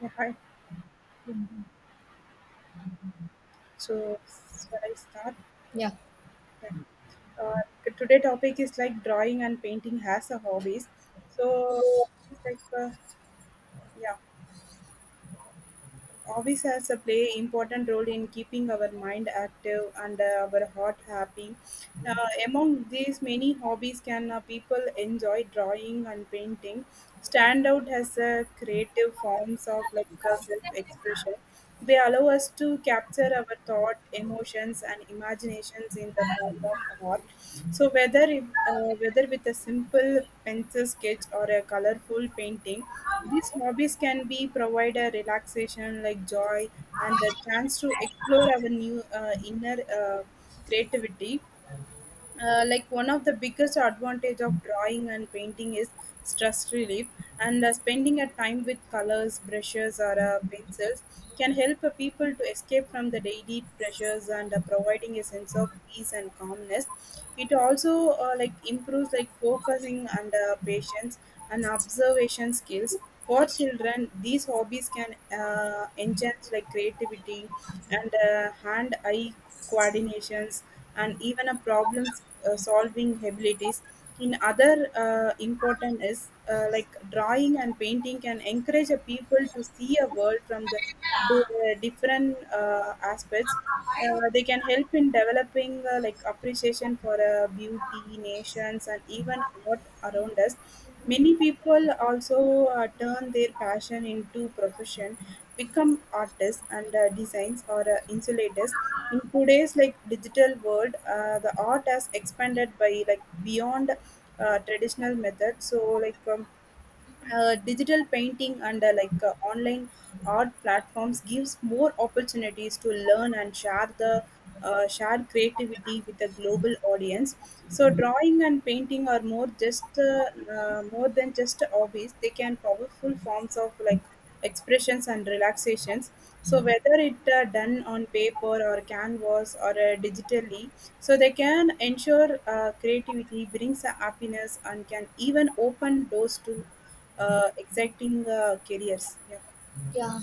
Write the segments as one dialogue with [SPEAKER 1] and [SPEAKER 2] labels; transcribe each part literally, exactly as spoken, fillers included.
[SPEAKER 1] Yeah, hi.
[SPEAKER 2] Mhm.
[SPEAKER 1] So, shall I start?
[SPEAKER 2] Yeah,
[SPEAKER 1] Yeah. Uh, today topic is like drawing and painting as a hobbies. So, it's like uh, yeah, hobbies has a play important role in keeping our mind active and uh, our heart happy. Uh, Among these many hobbies, can uh, people enjoy drawing and painting? Stand out as a creative forms of like uh, self-expression. They allow us to capture our thought, emotions, and imaginations in the form of art. So whether it, uh, whether with a simple pencil sketch or a colorful painting, these hobbies can be provide a relaxation like joy and the chance to explore our new uh, inner uh, creativity. Uh, like one of the biggest advantage of drawing and painting is stress relief, and uh, spending a time with colors brushes or uh, pencils can help uh, people to escape from the daily pressures and uh, providing a sense of peace and calmness. It also uh, like improves like focusing and uh, patience and observation skills. For children, these hobbies can uh, enhance like creativity and uh, hand eye coordinations, and even a problem uh, solving abilities. In other uh, important is uh, like drawing and painting can encourage a people to see a world from the, the different uh, aspects. Uh, they can help in developing uh, like appreciation for uh, beauty nations and even art around us. Many people also uh, turn their passion into profession, become artists and uh, designs or uh, insulators. In today's like digital world, uh, the art has expanded by like beyond uh, traditional methods. So like um, uh, digital painting and uh, like uh, online art platforms gives more opportunities to learn and share the uh, share creativity with a global audience. So drawing and painting are more just uh, uh, more than just hobbies, they can powerful forms of like expressions and relaxations. So whether it uh, done on paper or canvas or uh, digitally, so they can ensure uh, creativity brings a happiness and can even open doors to uh, exciting uh, careers. Yeah.
[SPEAKER 2] yeah.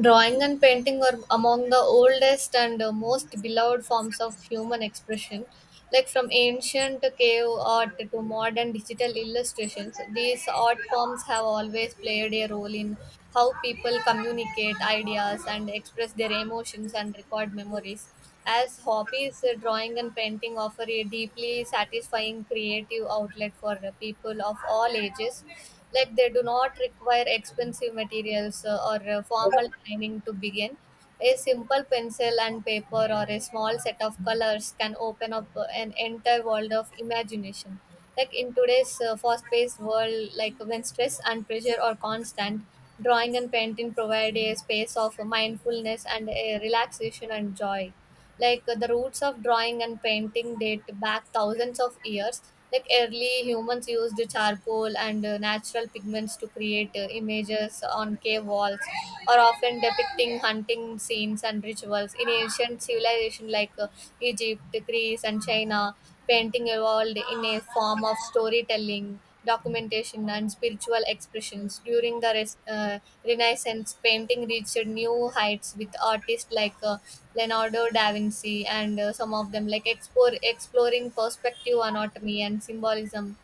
[SPEAKER 2] Drawing and painting are among the oldest and uh, most beloved forms of human expression. Like from ancient cave art to modern digital illustrations, these art forms have always played a role in how people communicate ideas and express their emotions and record memories. As hobbies, uh, drawing and painting offer a deeply satisfying creative outlet for uh, people of all ages, like they do not require expensive materials uh, or uh, formal training to begin. A simple pencil and paper or a small set of colors can open up uh, an entire world of imagination. Like in today's uh, fast-paced world, like when stress and pressure are constant, drawing and painting provide a space of mindfulness and a relaxation and joy. Like uh, the roots of drawing and painting date back thousands of years. Like early humans used charcoal and uh, natural pigments to create uh, images on cave walls, or often depicting hunting scenes and rituals in ancient civilization, like uh, Egypt, Greece, and China. Painting evolved in a form of storytelling, documentation, and spiritual expressions. During the res- uh, Renaissance, painting reached new heights with artists like uh, Leonardo da Vinci, and uh, some of them like explore, exploring perspective, anatomy, and symbolism.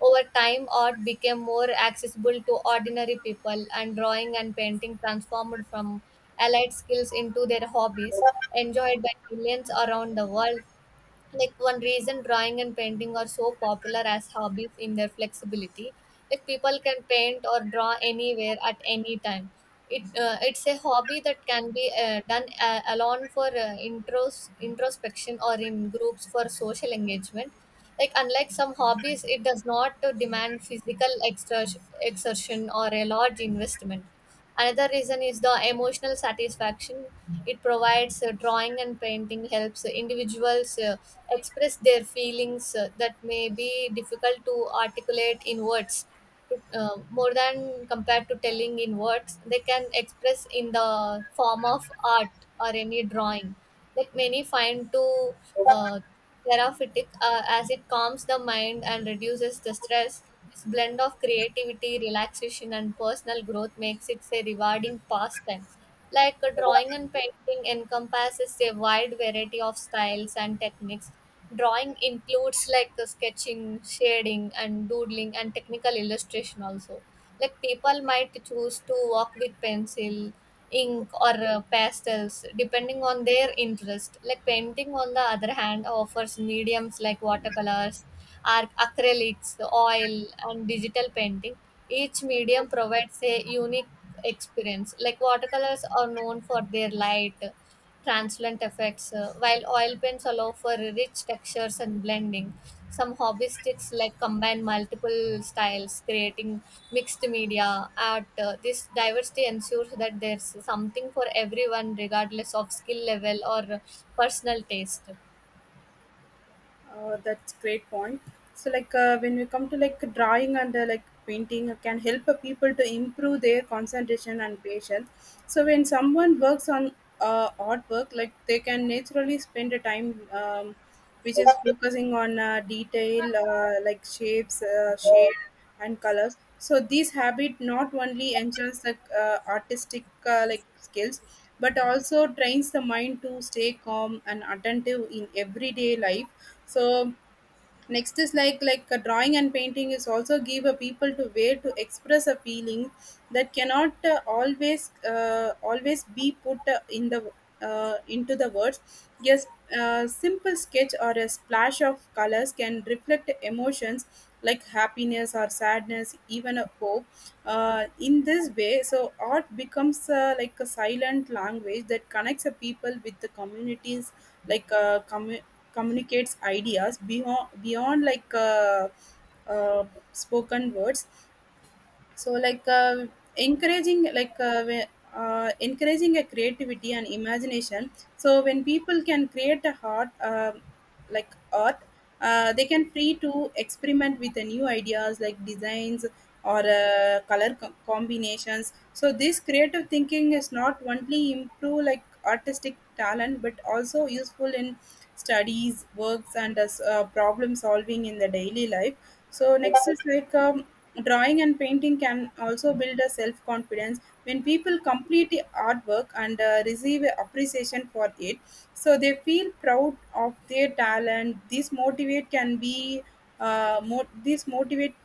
[SPEAKER 2] Over time, art became more accessible to ordinary people, and drawing and painting transformed from allied skills into their hobbies, enjoyed by millions around the world. Like one reason drawing and painting are so popular as hobbies in their flexibility, like people can paint or draw anywhere at any time. It uh, it's a hobby that can be uh, done uh, alone for uh, intros introspection or in groups for social engagement. Like unlike some hobbies, it does not uh, demand physical extra- exertion or a large investment. Another reason is the emotional satisfaction it provides. Uh, drawing and painting helps individuals uh, express their feelings uh, that may be difficult to articulate in words. Uh, more than compared to telling in words, they can express in the form of art or any drawing. Like many find to uh, therapeutic, uh, as it calms the mind and reduces the stress. This blend of creativity, relaxation, and personal growth makes it a rewarding pastime. Like uh, drawing and painting encompasses a wide variety of styles and techniques. Drawing includes like uh, sketching, shading, and doodling, and technical illustration also. Like people might choose to work with pencil, ink, or uh, pastels depending on their interest. Like painting, on the other hand, offers mediums like watercolors, arc acrylics, oil, and digital painting. Each medium provides a unique experience. Like watercolors are known for their light, transient effects, uh, while oil paints allow for rich textures and blending. Some hobbyistics like combine multiple styles, creating mixed media art. Uh, this diversity ensures that there's something for everyone, regardless of skill level or uh, personal taste.
[SPEAKER 1] Uh, that's great point. So like uh, when we come to like drawing and uh, like painting, it can help uh, people to improve their concentration and patience. So when someone works on uh, artwork, like they can naturally spend a time um, which is focusing on uh, detail uh, like shapes, uh, shade and colors. So this habit not only enhances the uh, artistic uh, like skills, but also trains the mind to stay calm and attentive in everyday life. So next is like like a drawing and painting is also give a people to way to express a feeling that cannot uh, always uh, always be put uh, in the uh, into the words. Yes, a simple sketch or a splash of colors can reflect emotions like happiness or sadness, even a hope. Uh, in this way, so art becomes uh, like a silent language that connects a people with the communities, like uh, commu- communicates ideas beyond beyond like uh, uh, spoken words. So like uh, encouraging like uh, we- uh, encouraging a creativity and imagination. So when people can create a heart uh, like art, uh, they can free to experiment with the new ideas like designs or uh, color co- combinations. So this creative thinking is not only improve like artistic talent, but also useful in studies works and as, uh, problem solving in the daily life. So next is like um, drawing and painting can also build a self confidence when people complete the artwork and uh, receive a appreciation for it. So they feel proud of their talent. This motivate can be uh, mo- this motivate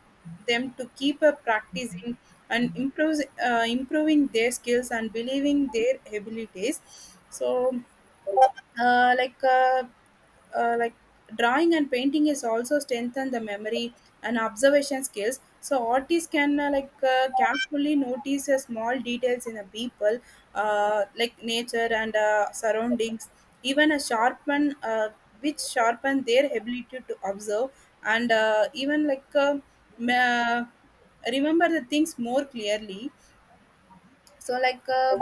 [SPEAKER 1] them to keep uh, practicing and improve uh, improving their skills and believing their abilities. So uh, like uh, uh, like drawing and painting is also strengthen the memory and observation skills. So artists can uh, like uh, carefully notice uh, small details in the people, uh, like nature and uh, surroundings, even a sharpen uh, which sharpen their ability to observe and uh, even like uh, ma- remember the things more clearly. So like uh,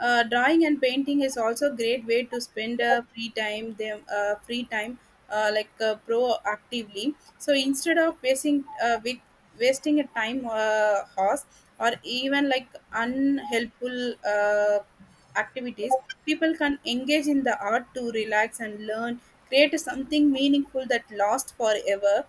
[SPEAKER 1] uh, drawing and painting is also a great way to spend uh, free time. Them uh, free time uh, like uh, proactively. So instead of wasting uh, with wasting a time uh, horse or even like unhelpful uh, activities, people can engage in the art to relax and learn, create something meaningful that lasts forever.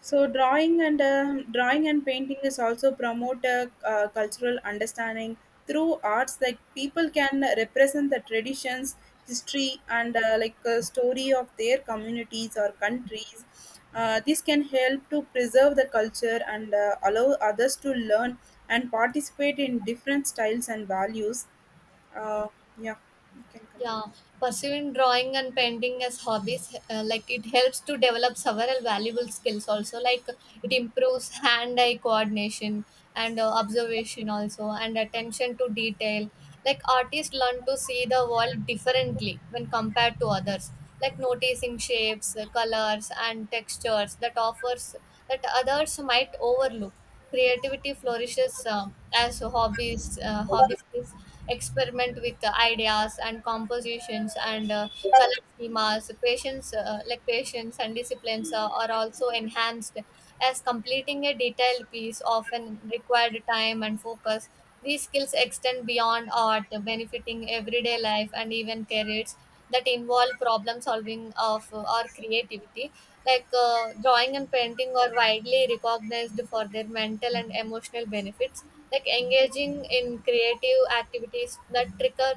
[SPEAKER 1] So drawing and uh, drawing and painting is also promote a uh, cultural understanding through arts. Like people can represent the traditions, history, and uh, like uh, story of their communities or countries. Uh, this can help to preserve the culture and uh, allow others to learn and participate in different styles and values. Uh, yeah, you can continue.
[SPEAKER 2] Yeah, pursuing drawing and painting as hobbies, uh, like it helps to develop several valuable skills also. Like it improves hand-eye coordination and uh, observation also, and attention to detail. Like artists learn to see the world differently when compared to others. Like noticing shapes, colors, and textures that offers that others might overlook. Creativity flourishes uh, as hobbies uh, hobbyists experiment with uh, ideas and compositions, and uh, color schemas. Patience uh, like patience and disciplines uh, are also enhanced, as completing a detailed piece often required time and focus. These skills extend beyond art, benefiting everyday life and even careers that involve problem solving of or creativity. Like uh, drawing and painting are widely recognized for their mental and emotional benefits. Like engaging in creative activities that trigger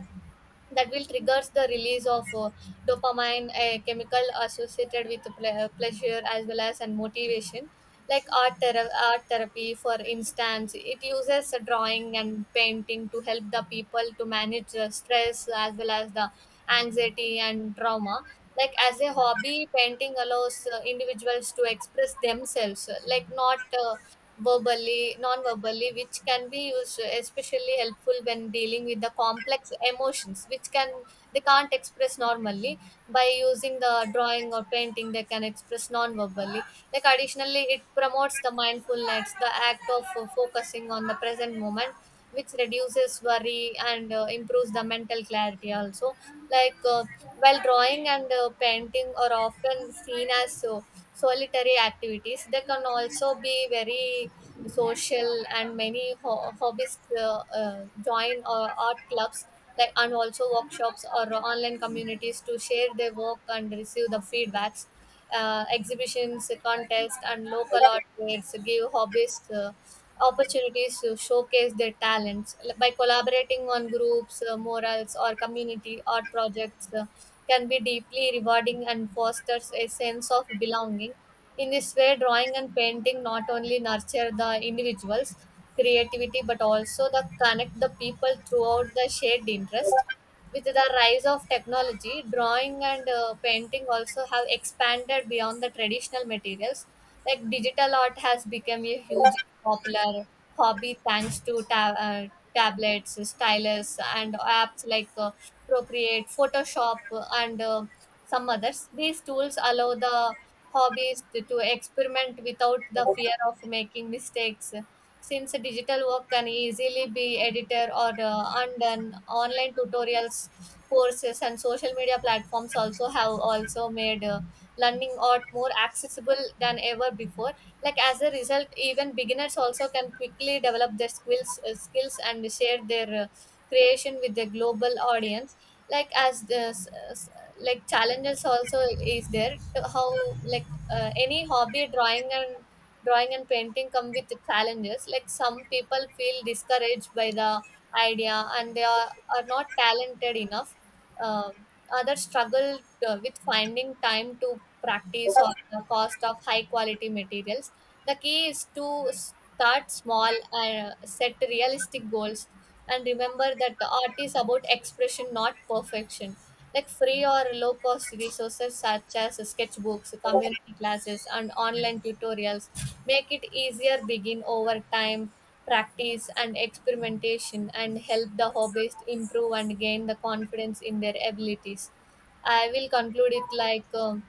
[SPEAKER 2] that will triggers the release of uh, dopamine, a chemical associated with ple- uh, pleasure, as well as and motivation. Like art, thera- art therapy, for instance, it uses uh, drawing and painting to help the people to manage uh, stress, as well as the anxiety and trauma. Like as a hobby, painting allows uh, individuals to express themselves, uh, like not uh, verbally, non-verbally, which can be used especially helpful when dealing with the complex emotions, which can they can't express normally. By using the drawing or painting, they can express non-verbally. Like additionally, it promotes the mindfulness, the act of uh, focusing on the present moment, which reduces worry and uh, improves the mental clarity also. Like uh, while drawing and uh, painting are often seen as uh, solitary activities, they can also be very social, and many ho- hobbies uh, uh, join uh, art clubs like and also workshops or online communities to share their work and receive the feedbacks. Uh, exhibitions, uh, contests, and local art fairs give hobbyists uh, opportunities to showcase their talents. By collaborating on groups, uh, morals, or community art projects, uh, can be deeply rewarding and fosters a sense of belonging. In this way, drawing and painting not only nurture the individuals' creativity, but also the connect the people throughout the shared interest. With the rise of technology, drawing and uh, painting also have expanded beyond the traditional materials. Like digital art has become a huge and popular hobby, thanks to ta- uh, tablets, stylus, and apps like uh, Procreate, Photoshop, uh, and uh, some others. These tools allow the hobbies to, to experiment without the fear of making mistakes, since digital work can easily be edited or uh, undone. Online tutorials, courses, and social media platforms also have also made uh, learning art more accessible than ever before. Like as a result, even beginners also can quickly develop their skills, uh, skills and share their uh, creation with the global audience. Like as this, uh, s- like challenges also is there. To how like uh, any hobby, drawing and drawing and painting come with challenges. Like some people feel discouraged by the idea and they are, are not talented enough. Um uh, that struggle uh, with finding time to practice or the cost of high quality materials. The key is to start small and uh, set realistic goals, and remember that the art is about expression, not perfection. Like free or low cost resources such as sketchbooks, community classes, and online tutorials make it easier begin. Over time, practice and experimentation and help the hobbyists improve and gain the confidence in their abilities. I will conclude it like um,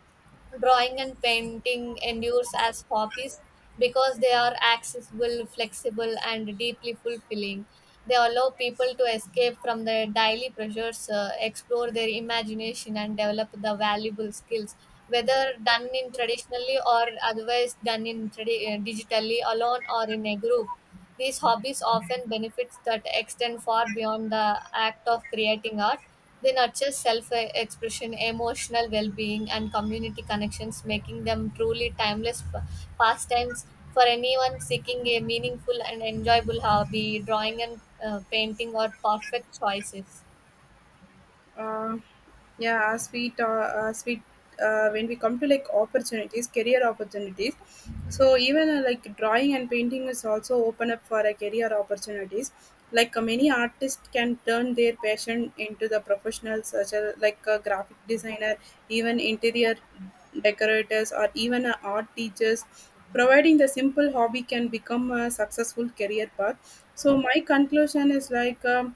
[SPEAKER 2] drawing and painting endures as hobbies, because they are accessible, flexible, and deeply fulfilling. They allow people to escape from their daily pressures, uh, explore their imagination, and develop the valuable skills. Whether done in traditionally or otherwise done in tradi- uh, digitally, alone or in a group, these hobbies often benefits that extend far beyond the act of creating art. They nurture self expression, emotional well being, and community connections, making them truly timeless p- pastimes. For anyone seeking a meaningful and enjoyable hobby, drawing and uh, painting are perfect choices.
[SPEAKER 1] uh, yeah, as we ta- as we uh, when we come to like opportunities career opportunities. So even uh, like drawing and painting is also open up for a career opportunities. Like uh, many artists can turn their passion into the professionals, such as like a graphic designer, even interior decorators or even uh, art teachers, providing the simple hobby can become a successful career path. So my conclusion is like um,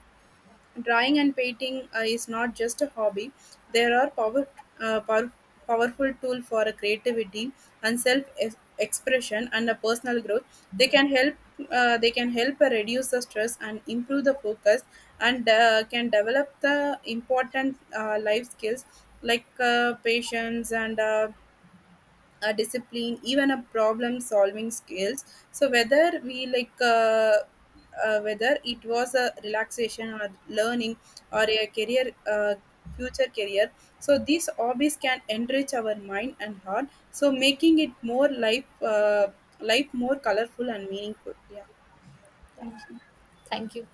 [SPEAKER 1] drawing and painting uh, is not just a hobby; they are power, uh, power, powerful tool for a creativity and self ex- expression and a personal growth. They can help. Uh, they can help uh, reduce the stress and improve the focus, and uh, can develop the important uh, life skills like uh, patience and. Uh, a discipline, even a problem solving skills. So whether we like uh, uh, whether it was a relaxation or learning or a career uh, future career, so these hobbies can enrich our mind and heart, so making it more life uh, life more colorful and meaningful. Yeah,
[SPEAKER 2] Yeah.
[SPEAKER 1] thank you.
[SPEAKER 2] Thank you.